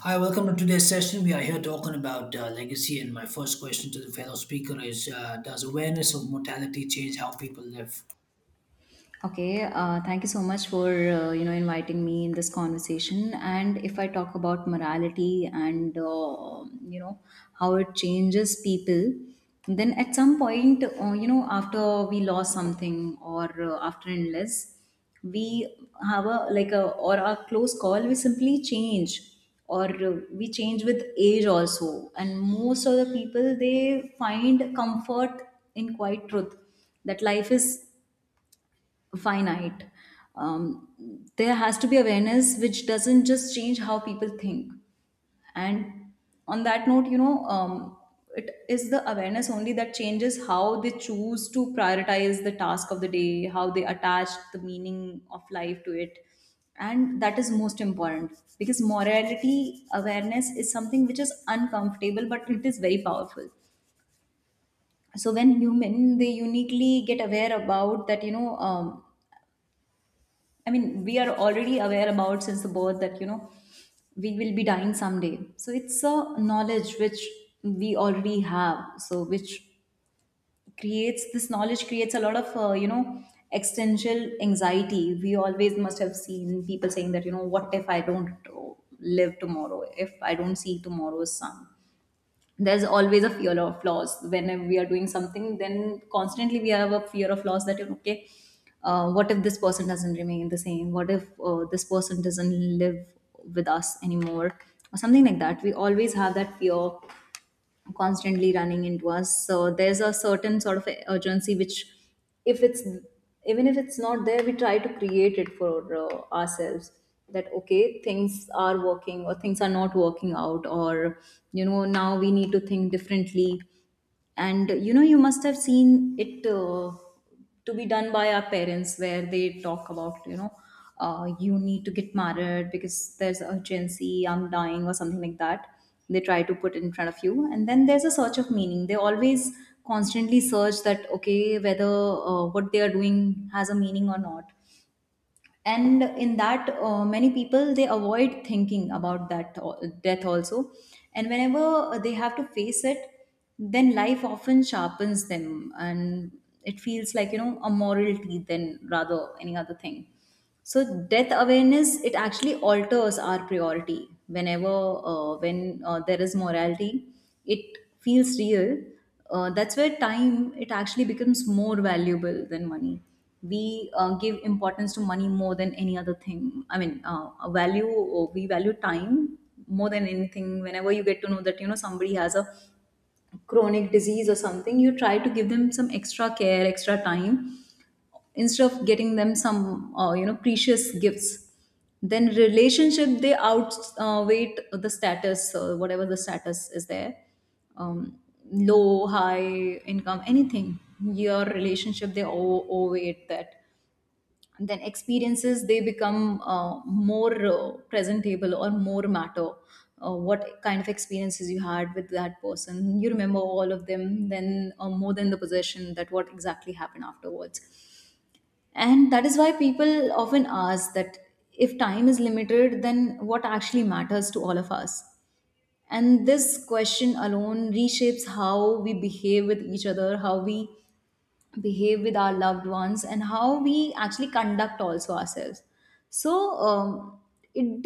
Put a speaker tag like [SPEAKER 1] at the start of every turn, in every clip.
[SPEAKER 1] Hi, welcome to today's session. We are here talking about legacy, and my first question to the fellow speaker is: Does awareness of mortality change how people live?
[SPEAKER 2] Okay, Thank you so much for inviting me in this conversation. And if I talk about morality and how it changes people, then at some point, after we lost something or after an illness, we have a like a or a close call. We simply change or we change with age also. And most of the people they find comfort in quiet truth that life is finite. There has to be awareness which doesn't just change how people think. And on that note, it is the awareness only that changes how they choose to prioritize the task of the day, how they attach the meaning of life to it. And that is most important because morality awareness is something which is uncomfortable, but it is very powerful. So when human they uniquely get aware about that. I mean, we are already aware about since the birth that, you know, we will be dying someday. So it's a knowledge which we already have. So, which creates, this knowledge creates a lot of, you know, existential anxiety. We always must have seen people saying that, you know, what if I don't live tomorrow? If I don't see tomorrow's sun? There's always a fear of loss whenever we are doing something. Then constantly we have a fear of loss that, you know, okay, what if this person doesn't remain the same, what if this person doesn't live with us anymore or something like that. We always have that fear constantly running into us, so there's a certain sort of urgency which, if it's, even if it's not there, we try to create it for ourselves, that okay, things are working or things are not working out, or you know, now we need to think differently. And you know, you must have seen it to be done by our parents, where they talk about, you know, you need to get married because there's urgency, I'm dying or something like that, they try to put in front of you. And then there's a search of meaning. They always constantly search that okay, whether what they are doing has a meaning or not. And in that, many people they avoid thinking about that al- death also, and whenever they have to face it, then life often sharpens them, and it feels like, you know, a morality than rather any other thing. So death awareness, it actually alters our priority. Whenever when there is morality, it feels real, that's where time it actually becomes more valuable than money. We give importance to money more than any other thing. I mean, a value, we value time more than anything. Whenever you get to know that you know somebody has a chronic disease or something, you try to give them some extra care, extra time, instead of getting them some precious gifts. Then relationship, they outweight the status, whatever the status is there, um, low high income anything, your relationship they o- overweight that. And then experiences, they become more presentable or more matter, what kind of experiences you had with that person, you remember all of them, then more than the possession, that what exactly happened afterwards. And that is why people often ask that if time is limited, then what actually matters to all of us. And this question alone reshapes how we behave with each other, how we behave with our loved ones, and how we actually conduct also ourselves. So um, it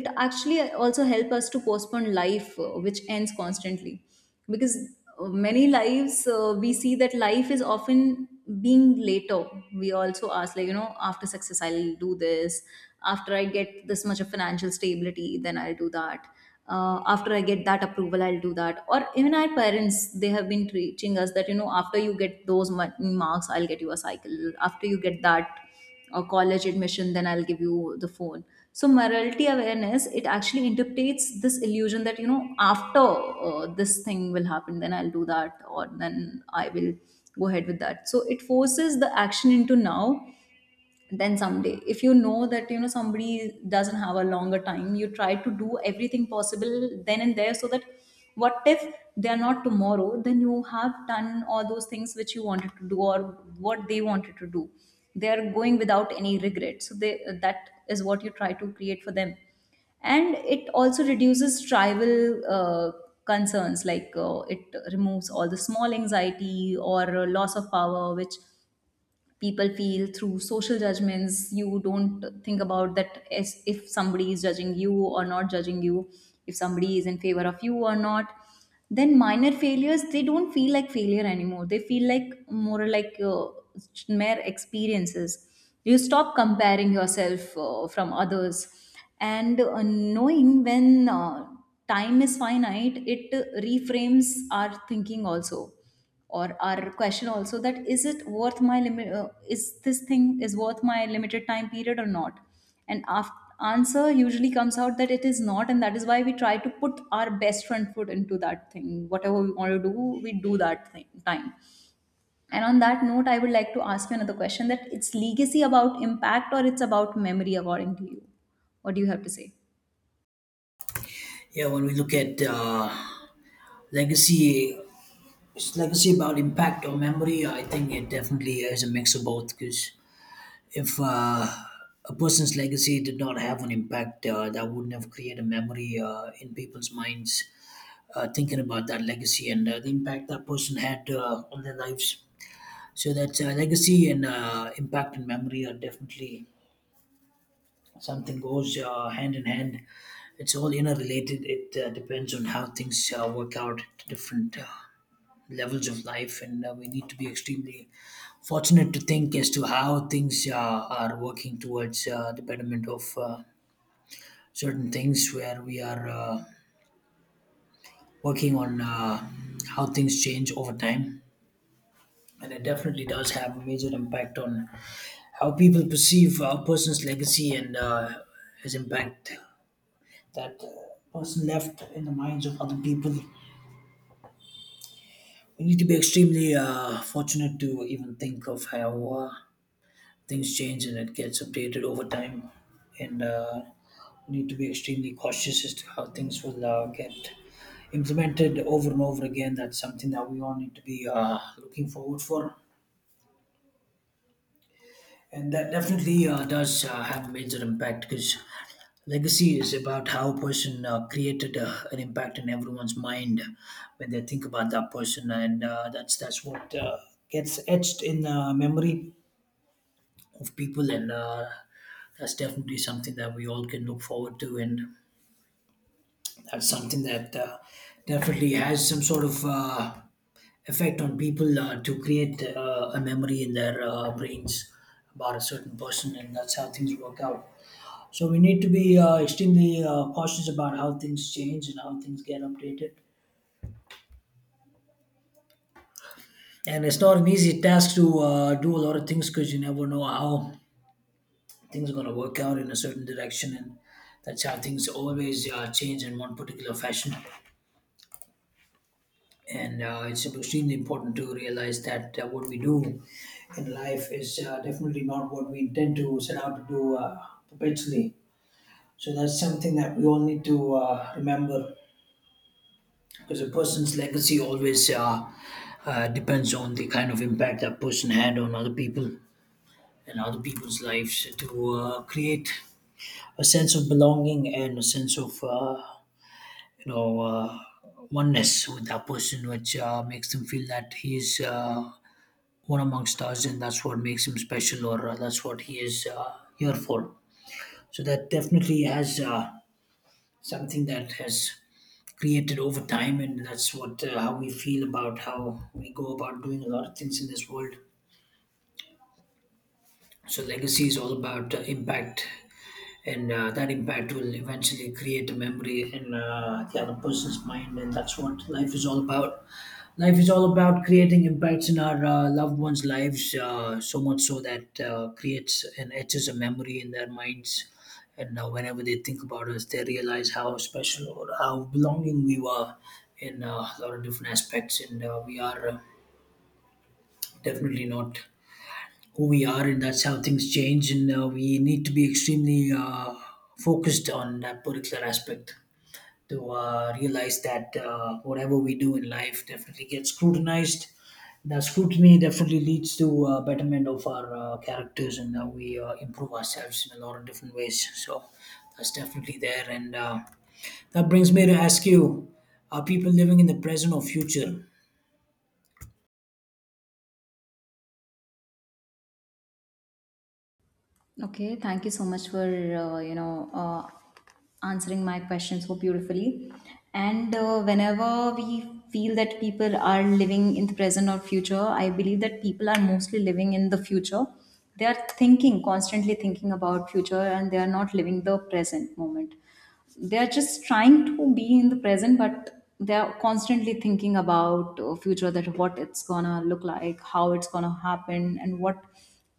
[SPEAKER 2] it actually also help us to postpone life which ends constantly, because many lives we see that life is often being later. We also ask, like you know, after success I'll do this, after I get this much of financial stability then I'll do that, after I get that approval I'll do that. Or even our parents, they have been teaching us that you know, after you get those ma- marks I'll get you a cycle, after you get that college admission then I'll give you the phone. So morality awareness, it actually interprets this illusion that you know after this thing will happen then I'll do that, or then I will go ahead with that. So it forces the action into now. Then someday if you know that you know somebody doesn't have a longer time, you try to do everything possible then and there, so that what if they are not tomorrow, then you have done all those things which you wanted to do, or what they wanted to do, they are going without any regret. So they, that is what you try to create for them. And it also reduces tribal concerns, like it removes all the small anxiety or loss of power which people feel through social judgments. You don't think about that as if somebody is judging you or not judging you, if somebody is in favor of you or not. Then minor failures, they don't feel like failure anymore, they feel like more like mere experiences. You stop comparing yourself from others. And knowing when time is finite, it reframes our thinking also, or our question also, that is it worth my limit, is this thing is worth my limited time period or not. And after, answer usually comes out that it is not, and that is why we try to put our best front foot into that thing, whatever we want to do, we do that thing time. And on that note, I would like to ask you another question, that it's legacy about impact or it's about memory, according to you, what do you have to say?
[SPEAKER 1] Yeah, when we look at legacy, is legacy about impact or memory? I think it definitely is a mix of both. Because if a person's legacy did not have an impact, that wouldn't have created a memory in people's minds. Thinking about that legacy and the impact that person had on their lives. So that's legacy and impact and memory are definitely something goes hand in hand. It's all interrelated. It depends on how things work out at different levels of life, and we need to be extremely fortunate to think as to how things are working towards the betterment of certain things where we are working on how things change over time, and it definitely does have a major impact on how people perceive a person's legacy and his impact that person left in the minds of other people. We need to be extremely fortunate to even think of how uh, things change and it gets updated over time, and we need to be extremely cautious as to how things will get implemented over and over again. That's something that we all need to be looking forward for. And that definitely does have a major impact because legacy is about how a person created an impact in everyone's mind when they think about that person, and that's what gets etched in memory of people, and that's definitely something that we all can look forward to, and that's something that definitely has some sort of effect on people to create a memory in their brains about a certain person, and that's how things work out. So we need to be extremely cautious about how things change and how things get updated. And it's not an easy task to do a lot of things because you never know how things are going to work out in a certain direction, and that's how things always change in one particular fashion. And it's extremely important to realize that what we do in life is definitely not what we intend to set out to do perpetually. So that's something that we all need to remember, because a person's legacy always depends on the kind of impact that person had on other people and other people's lives to create a sense of belonging and a sense of you know uh, oneness with that person, which makes them feel that he's one amongst us, and that's what makes him special, or that's what he is here for. So that definitely has something that has created over time, and that's what how we feel about how we go about doing a lot of things in this world. So legacy is all about impact, and that impact will eventually create a memory in the other person's mind, and that's what life is all about. Life is all about creating impacts in our loved ones' lives, so much so that creates and etches a memory in their minds. And whenever they think about us, they realize how special or how belonging we were in a lot of different aspects. And we are definitely not who we are, and that's how things change. And we need to be extremely focused on that particular aspect to realize that whatever we do in life definitely gets scrutinized. The scrutiny definitely leads to betterment of our characters and how we improve ourselves in a lot of different ways. So that's definitely there. And that brings me to ask you, are people living in the present or future?
[SPEAKER 2] Okay. Thank you so much for answering my question so beautifully. And whenever we feel that people are living in the present or future, I believe that people are mostly living in the future. They are thinking, constantly thinking about future, and they are not living the present moment. They're just trying to be in the present, but they're constantly thinking about future, that what it's gonna look like, how it's gonna happen, and what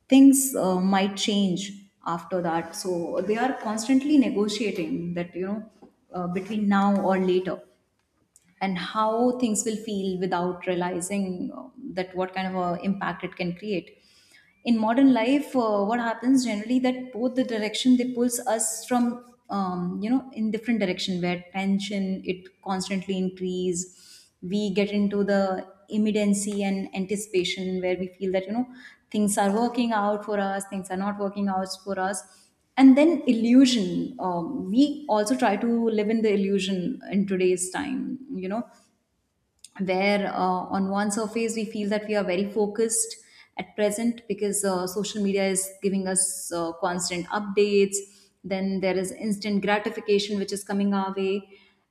[SPEAKER 2] things might change after that. So they are constantly negotiating that you know, between now or later, and how things will feel, without realizing that what kind of a impact it can create. In modern life, what happens generally, that both the direction they pulls us from, you know, in different direction, where tension it constantly increase. We get into the immediacy and anticipation, where we feel that you know things are working out for us, things are not working out for us. And then illusion, we also try to live in the illusion in today's time, you know, where on one surface we feel that we are very focused at present, because social media is giving us constant updates, then there is instant gratification which is coming our way,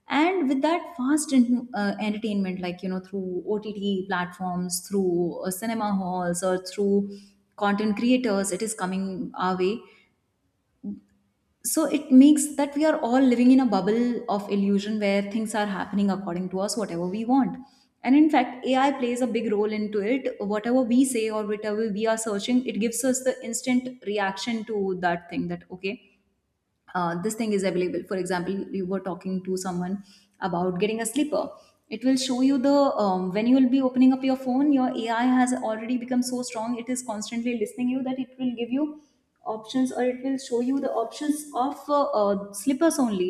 [SPEAKER 2] and with that fast en- entertainment, like you know, through OTT platforms, through cinema halls, or through content creators, it is coming our way. So it makes that we are all living in a bubble of illusion, where things are happening according to us, whatever we want. And in fact, AI plays a big role into it. Whatever we say or whatever we are searching, it gives us the instant reaction to that thing, that okay, this thing is available. For example, you were talking to someone about getting a slipper. It will show you the when you will be opening up your phone. Your AI has already become so strong; it is constantly listening you that it will give you options or it will show you the options of slippers only.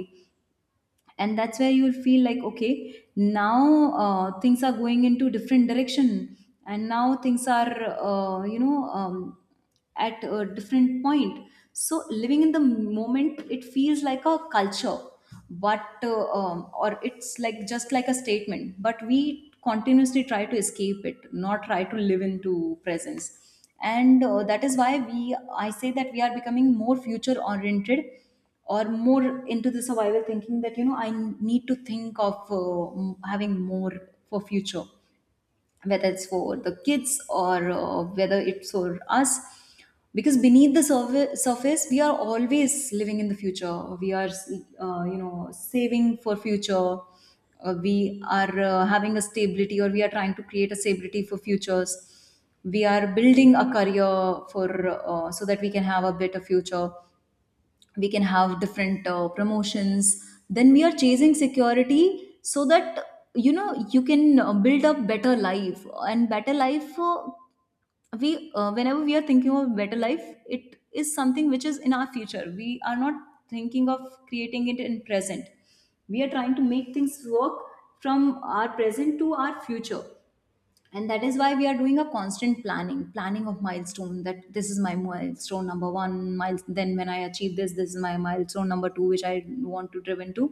[SPEAKER 2] And that's where you'll feel like okay, now things are going into different direction, and now things are uh, you know um, at a different point. So living in the moment, it feels like a culture, but or it's like just like a statement, but we continuously try to escape it, not try to live into presence. And that is why we I say that we are becoming more future oriented, or more into the survival thinking that you know, I need to think of having more for future, whether it's for the kids or whether it's for us, because beneath the surface we are always living in the future. We are you know, saving for future. Uh, we are having a stability, or we are trying to create a stability for futures. We are building a career for, so that we can have a better future, we can have different promotions. Then we are chasing security so that you know, you can build up better life and better life we Whenever we are thinking of better life, it is something which is in our future. We are not thinking of creating it in present. We are trying to make things work from our present to our future, and that is why we are doing a constant planning of milestone, that this is my milestone number one, mile- then when I achieve this, this is my milestone number two which I want to driven to.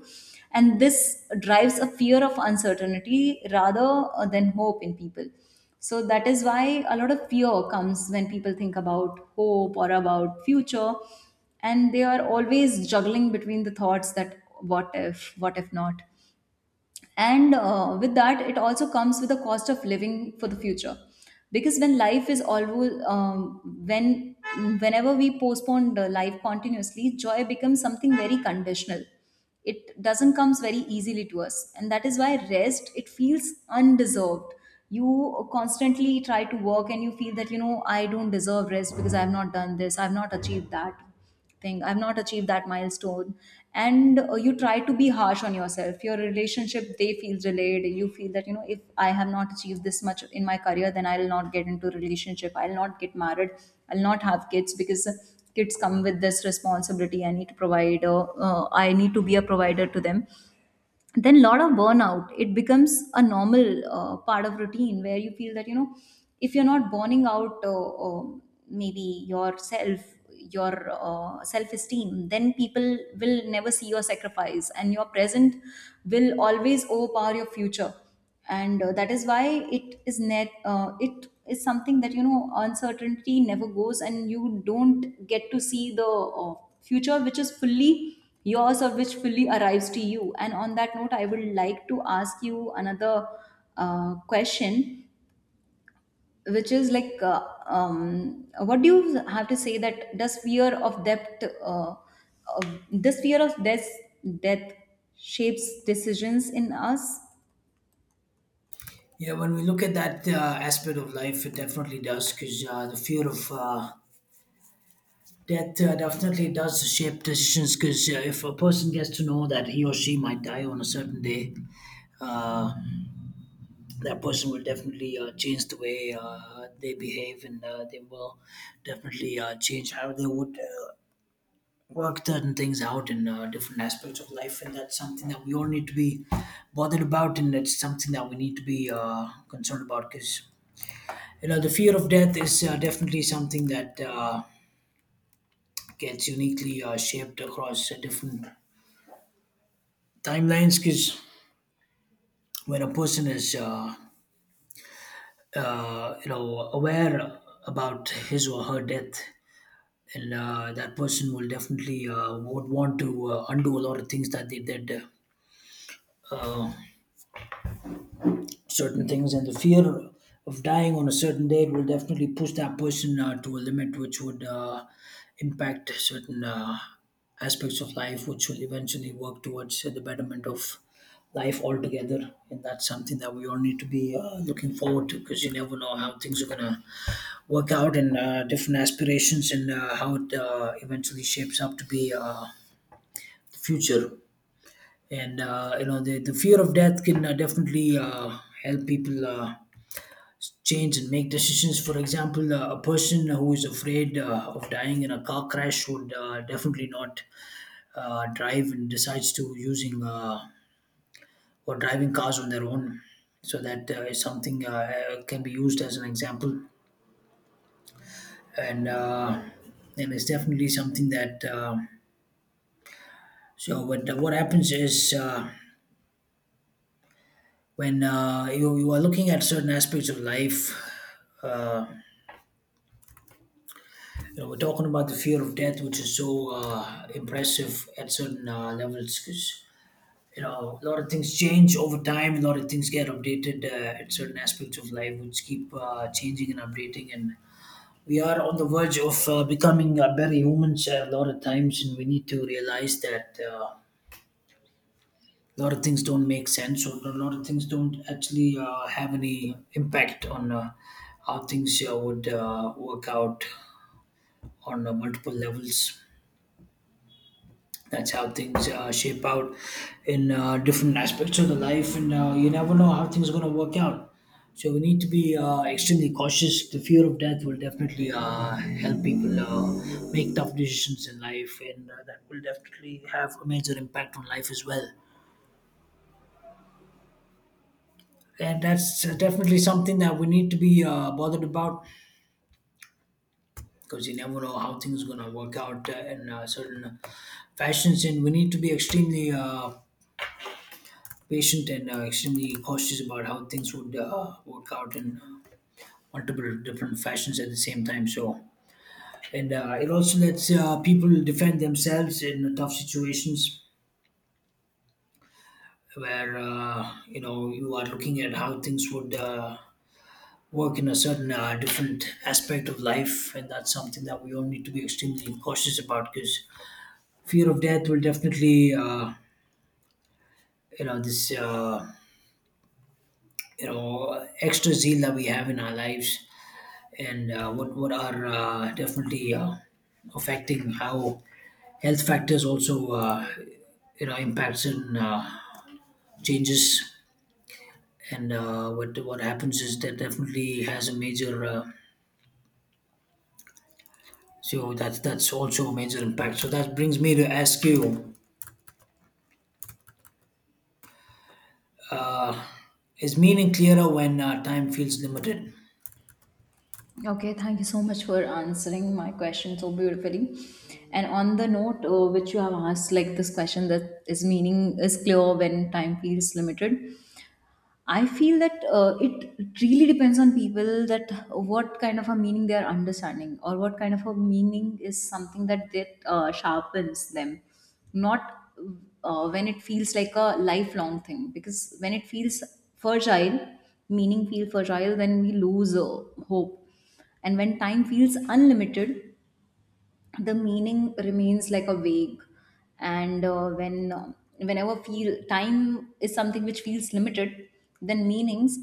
[SPEAKER 2] And this drives a fear of uncertainty rather than hope in people. So that is why a lot of fear comes when people think about hope or about future, and they are always juggling between the thoughts that what if, what if not. And with that it also comes with a cost of living for the future, because when life is always when whenever we postpone the life continuously, joy becomes something very conditional. It doesn't comes very easily to us, and that is why rest, it feels undeserved. You constantly try to work, and you feel that you know, I don't deserve rest because I have not done this, I have not achieved that thing, I've not achieved that milestone. And you try to be harsh on yourself. Your relationship, they feel delayed. You feel that you know, if I have not achieved this much in my career, then I'll not get into a relationship, I'll not get married, I'll not have kids, because kids come with this responsibility. I need to provide, I need to be a provider to them. Then lot of burnout, it becomes a normal part of routine, where you feel that you know, if you're not burning out maybe yourself, your self-esteem, then people will never see your sacrifice, and your present will always overpower your future. And that is why it is something that you know, uncertainty never goes, and you don't get to see the uh, future which is fully yours, or which fully arrives to you. And on that note, I would like to ask you another question, which is like what do you have to say that does uh, fear of death shapes decisions in us?
[SPEAKER 1] Yeah, when we look at that aspect of life, it definitely does, because the fear of death definitely does shape decisions because if a person gets to know that he or she might die on a certain day, uh, that person will definitely change the way they behave, and they will definitely change how they would work certain things out in different aspects of life. And that's something that we all need to be bothered about, and it's something that we need to be concerned about because you know the fear of death is definitely something that gets uniquely shaped across different timelines, because when a person is you know aware about his or her death, and that person will definitely would want to undo a lot of things that they did uh, certain things, and the fear of dying on a certain date will definitely push that person to a limit which would impact certain aspects of life which will eventually work towards the betterment of life altogether, and that's something that we all need to be looking forward to because you never know how things are going to work out and different aspirations and how it eventually shapes up to be the future. And you know the fear of death can definitely help people change and make decisions. For example, a person who is afraid of dying in a car crash would definitely not drive and decides to using or driving cars on their own. So that is something can be used as an example, and uh, and it's definitely something that. So what happens is when you are looking at certain aspects of life. Uh, You know, we're talking about the fear of death, which is so impressive at certain levels, because you know a lot of things change over time. A lot of things get updated at certain aspects of life, which keep changing and updating. And we are on the verge of becoming better humans a lot of times, and we need to realize that a lot of things don't make sense, or a lot of things don't actually have any impact on how things would work out on multiple levels. That's how things shape out in different aspects of the life, and you never know how things are going to work out. So we need to be extremely cautious. The fear of death will definitely help people make tough decisions in life, and that will definitely have a major impact on life as well. And that's definitely something that we need to be bothered about, because you never know how things are going to work out in certain fashions, and we need to be extremely patient and extremely cautious about how things would work out in multiple different fashions at the same time. So, and it also lets people defend themselves in tough situations where you know you are looking at how things would work in a certain different aspect of life, and that's something that we all need to be extremely cautious about, because fear of death will definitely you know this you know extra zeal that we have in our lives, and what are definitely affecting how health factors also you know impacts and changes, and what happens is that definitely has a major so that's also a major impact. So that brings me to ask you, is meaning clearer when time feels limited?
[SPEAKER 2] Okay, thank you so much for answering my question so beautifully. And on the note which you have asked, like this question that is meaning is clear when time feels limited. I feel that it really depends on people, that what kind of a meaning they are understanding, or what kind of a meaning is something that sharpens them, not when it feels like a lifelong thing. Because when it feels fragile, meaning feel fragile, then we lose hope. And when time feels unlimited, the meaning remains like a vague. And whenever feel time is something which feels limited, then meanings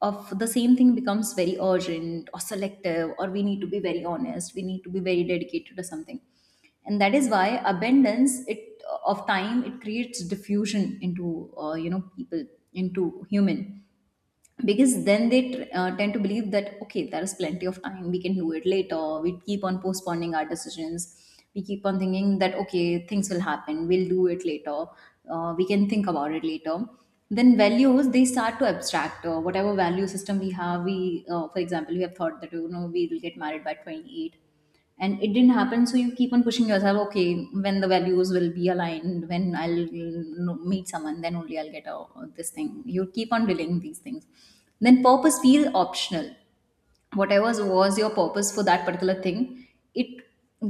[SPEAKER 2] of the same thing becomes very urgent or selective, or we need to be very honest, we need to be very dedicated to something. And that is why abundance it of time, it creates diffusion into you know, people, into human, because then they tend to believe that okay, there's plenty of time, we can do it later. We keep on postponing our decisions, we keep on thinking that okay, things will happen, we'll do it later, we can think about it later. Then values, they start to abstract. Uh, whatever value system we have, we for example, we have thought that you know, we will get married by 28, and it didn't happen, so you keep on pushing yourself. Okay, when the values will be aligned, when I'll meet someone, then only I'll get a, this thing. You keep on delaying these things. Then purpose feels optional. Whatever was your purpose for that particular thing, it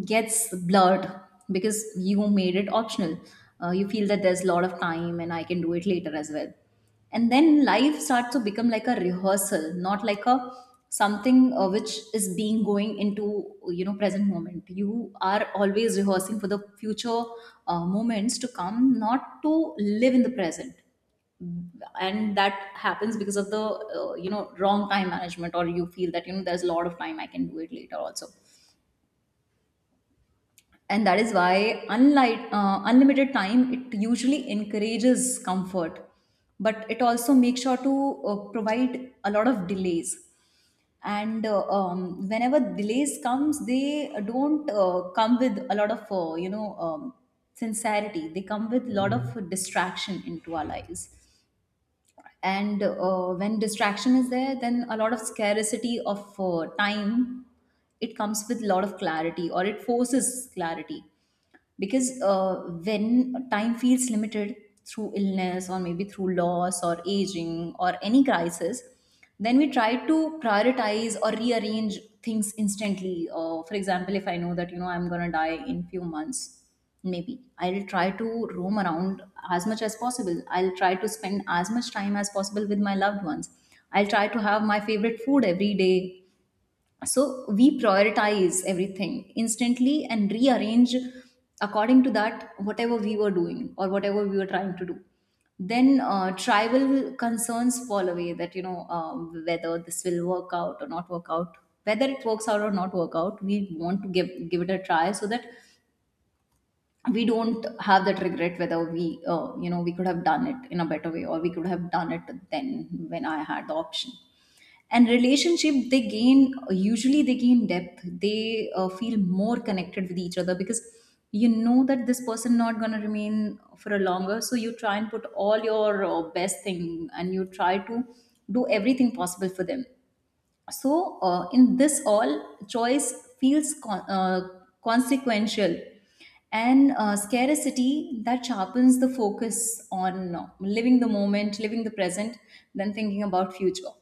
[SPEAKER 2] gets blurred, because you made it optional. You feel that there's a lot of time, and I can do it later as well. And then life starts to become like a rehearsal, not like a something which is being going into you know, present moment. You are always rehearsing for the future moments to come, not to live in the present. And that happens because of the you know, wrong time management, or you feel that you know, there's a lot of time, I can do it later also. And that is why unlike unlimited time, it usually encourages comfort, but it also makes sure to provide a lot of delays. And whenever delays comes, they don't come with a lot of sincerity. They come with a lot of distraction into our lives. And when distraction is there, then a lot of scarcity of time, it comes with a lot of clarity, or it forces clarity. Because when time feels limited through illness, or maybe through loss or aging or any crisis, then we try to prioritize or rearrange things instantly. Uh, for example, if I know that you know, I'm going to die in few months, maybe I'll try to roam around as much as possible. I'll try to spend as much time as possible with my loved ones. I'll try to have my favorite food every day. So we prioritize everything instantly and rearrange according to that, whatever we were doing or whatever we were trying to do. Then tribal concerns fall away, that you know whether this will work out or not work out. Whether it works out or not work out, we want to give it a try, so that we don't have that regret whether we you know, we could have done it in a better way, or we could have done it then when I had the option. And relationship, they gain, usually they gain depth. They feel more connected with each other, because you know that this person not going to remain for a longer. So you try and put all your best thing, and you try to do everything possible for them. So in this, all choice feels consequential. And scarcity that sharpens the focus on living the moment, living the present, than thinking about future.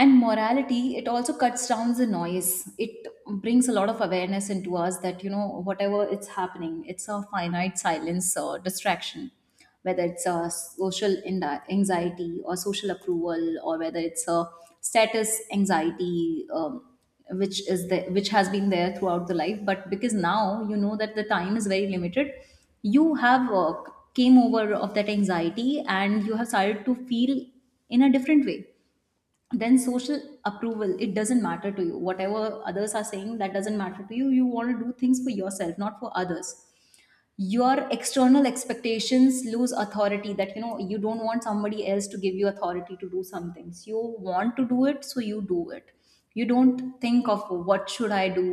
[SPEAKER 2] And morality, it also cuts down the noise. It brings a lot of awareness into us, that you know, whatever it's happening, it's a finite silence or distraction, whether it's a anxiety, or social approval, or whether it's a status anxiety, which is the which has been there throughout the life. But because now you know that the time is very limited, you have came over of that anxiety, and you have started to feel in a different way. Then social approval, it doesn't matter to you. Whatever others are saying, that doesn't matter to you. You want to do things for yourself, not for others. Your external expectations lose authority, that you know, you don't want somebody else to give you authority to do some things. You want to do it, so you do it. You don't think of what should I do,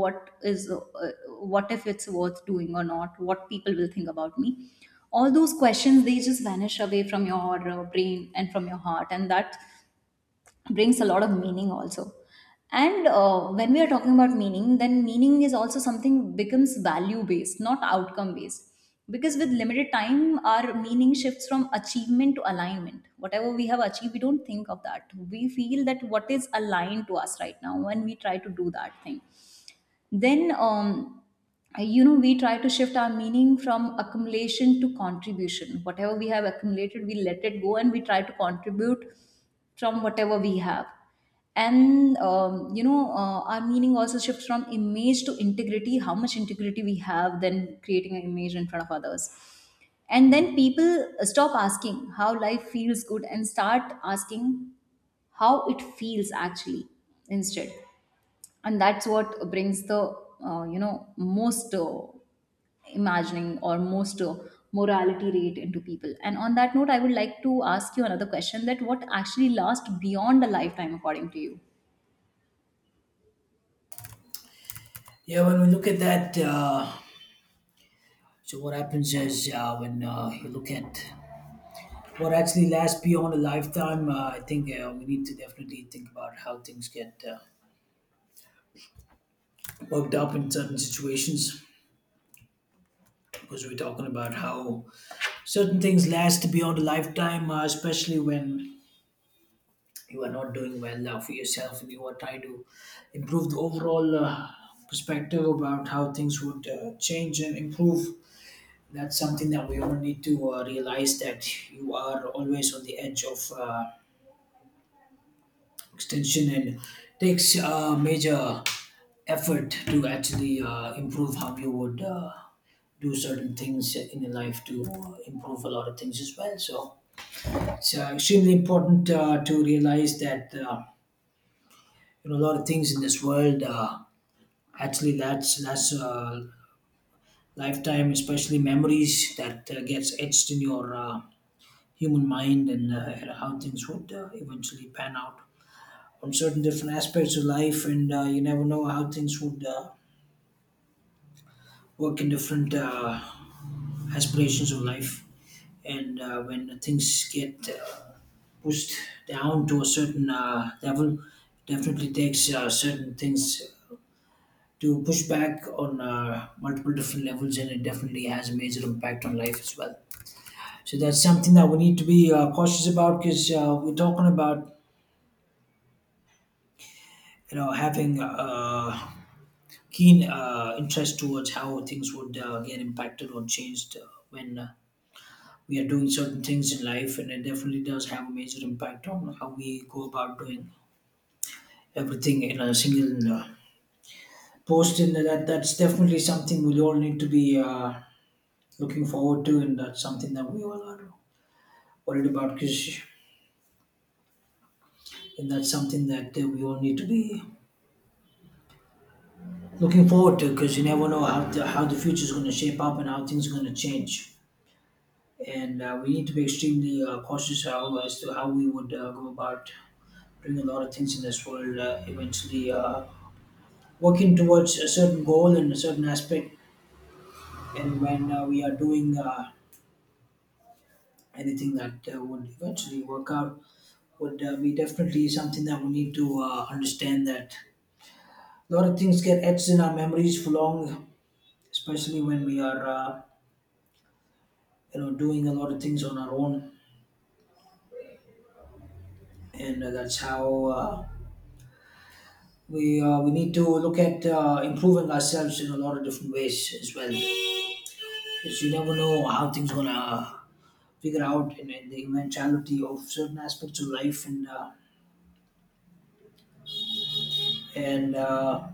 [SPEAKER 2] what is what if it's worth doing or not, what people will think about me. All those questions, they just vanish away from your brain and from your heart, and that brings a lot of meaning also. And when we are talking about meaning, then meaning is also something becomes value based, not outcome based. Because with limited time, our meaning shifts from achievement to alignment. Whatever we have achieved, we don't think of that. We feel that what is aligned to us right now, when we try to do that thing. Then you know, we try to shift our meaning from accumulation to contribution. Whatever we have accumulated, we let it go, and we try to contribute from whatever we have. And our meaning also shifts from image to integrity, how much integrity we have then creating an image in front of others. And then people stop asking how life feels good, and start asking how it feels actually instead. And that's what brings the most imagining, or most morality rate into people. And on that note, I would like to ask you another question, that what actually lasts beyond a lifetime according to you?
[SPEAKER 1] Yeah, when we look at that so what happens is when you look at what actually lasts beyond a lifetime. I think we need to definitely think about how things get worked up in certain situations, because we're talking about how certain things last beyond a lifetime, especially when you are not doing well for yourself and you are trying to improve the overall perspective about how things would change and improve. That's something that we all need to realize that you are always on the edge of. Extension, and takes major effort to actually improve how you would do certain things in your life to improve a lot of things as well. So it's extremely important to realize that you know a lot of things in this world actually that's lifetime, especially memories that gets etched in your human mind and how things would eventually pan out on certain different aspects of life, and you never know how things would work in different aspirations of life. And when things get pushed down to a certain level, definitely takes certain things to push back on multiple different levels, and it definitely has a major impact on life as well. So that's something that we need to be cautious about, because we're talking about you know having. Keen interest towards how things would get impacted or changed when we are doing certain things in life, and it definitely does have a major impact on how we go about doing everything in a single post, and that's definitely something we all need to be looking forward to, and that's something that we all are worried about, because and that's something that we all need to be looking forward to, because you never know how how the future is going to shape up and how things are going to change. And we need to be extremely cautious as to how we would go about doing a lot of things in this world. Eventually, working towards a certain goal and a certain aspect, and when we are doing anything that would eventually work out, would be definitely something that we need to understand that a lot of things get etched in our memories for long, especially when we are you know doing a lot of things on our own, and that's how. We need to look at improving ourselves in a lot of different ways as well, because you never know how things gonna figure out in the eventuality of certain aspects of life, and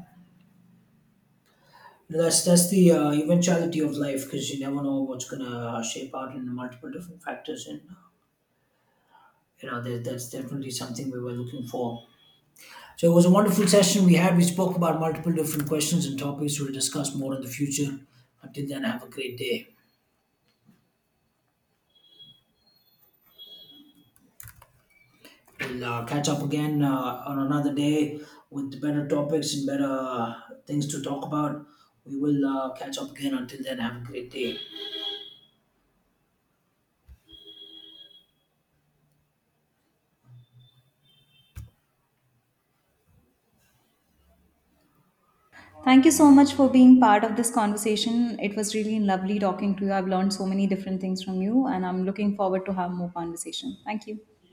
[SPEAKER 1] that's the eventuality of life, because you never know what's gonna shape out in multiple different factors, and you know that's definitely something we were looking for. So it was a wonderful session. We had, we spoke about multiple different questions and topics. We'll discuss more in the future. Until then, have a great day. We'll catch up again on another day with better topics and better things to talk about. We will catch up again. Until then, have a great day.
[SPEAKER 2] Thank you so much for being part of this conversation. It was really lovely talking to you. I've learned so many different things from you, and I'm looking forward to have more conversation. Thank you.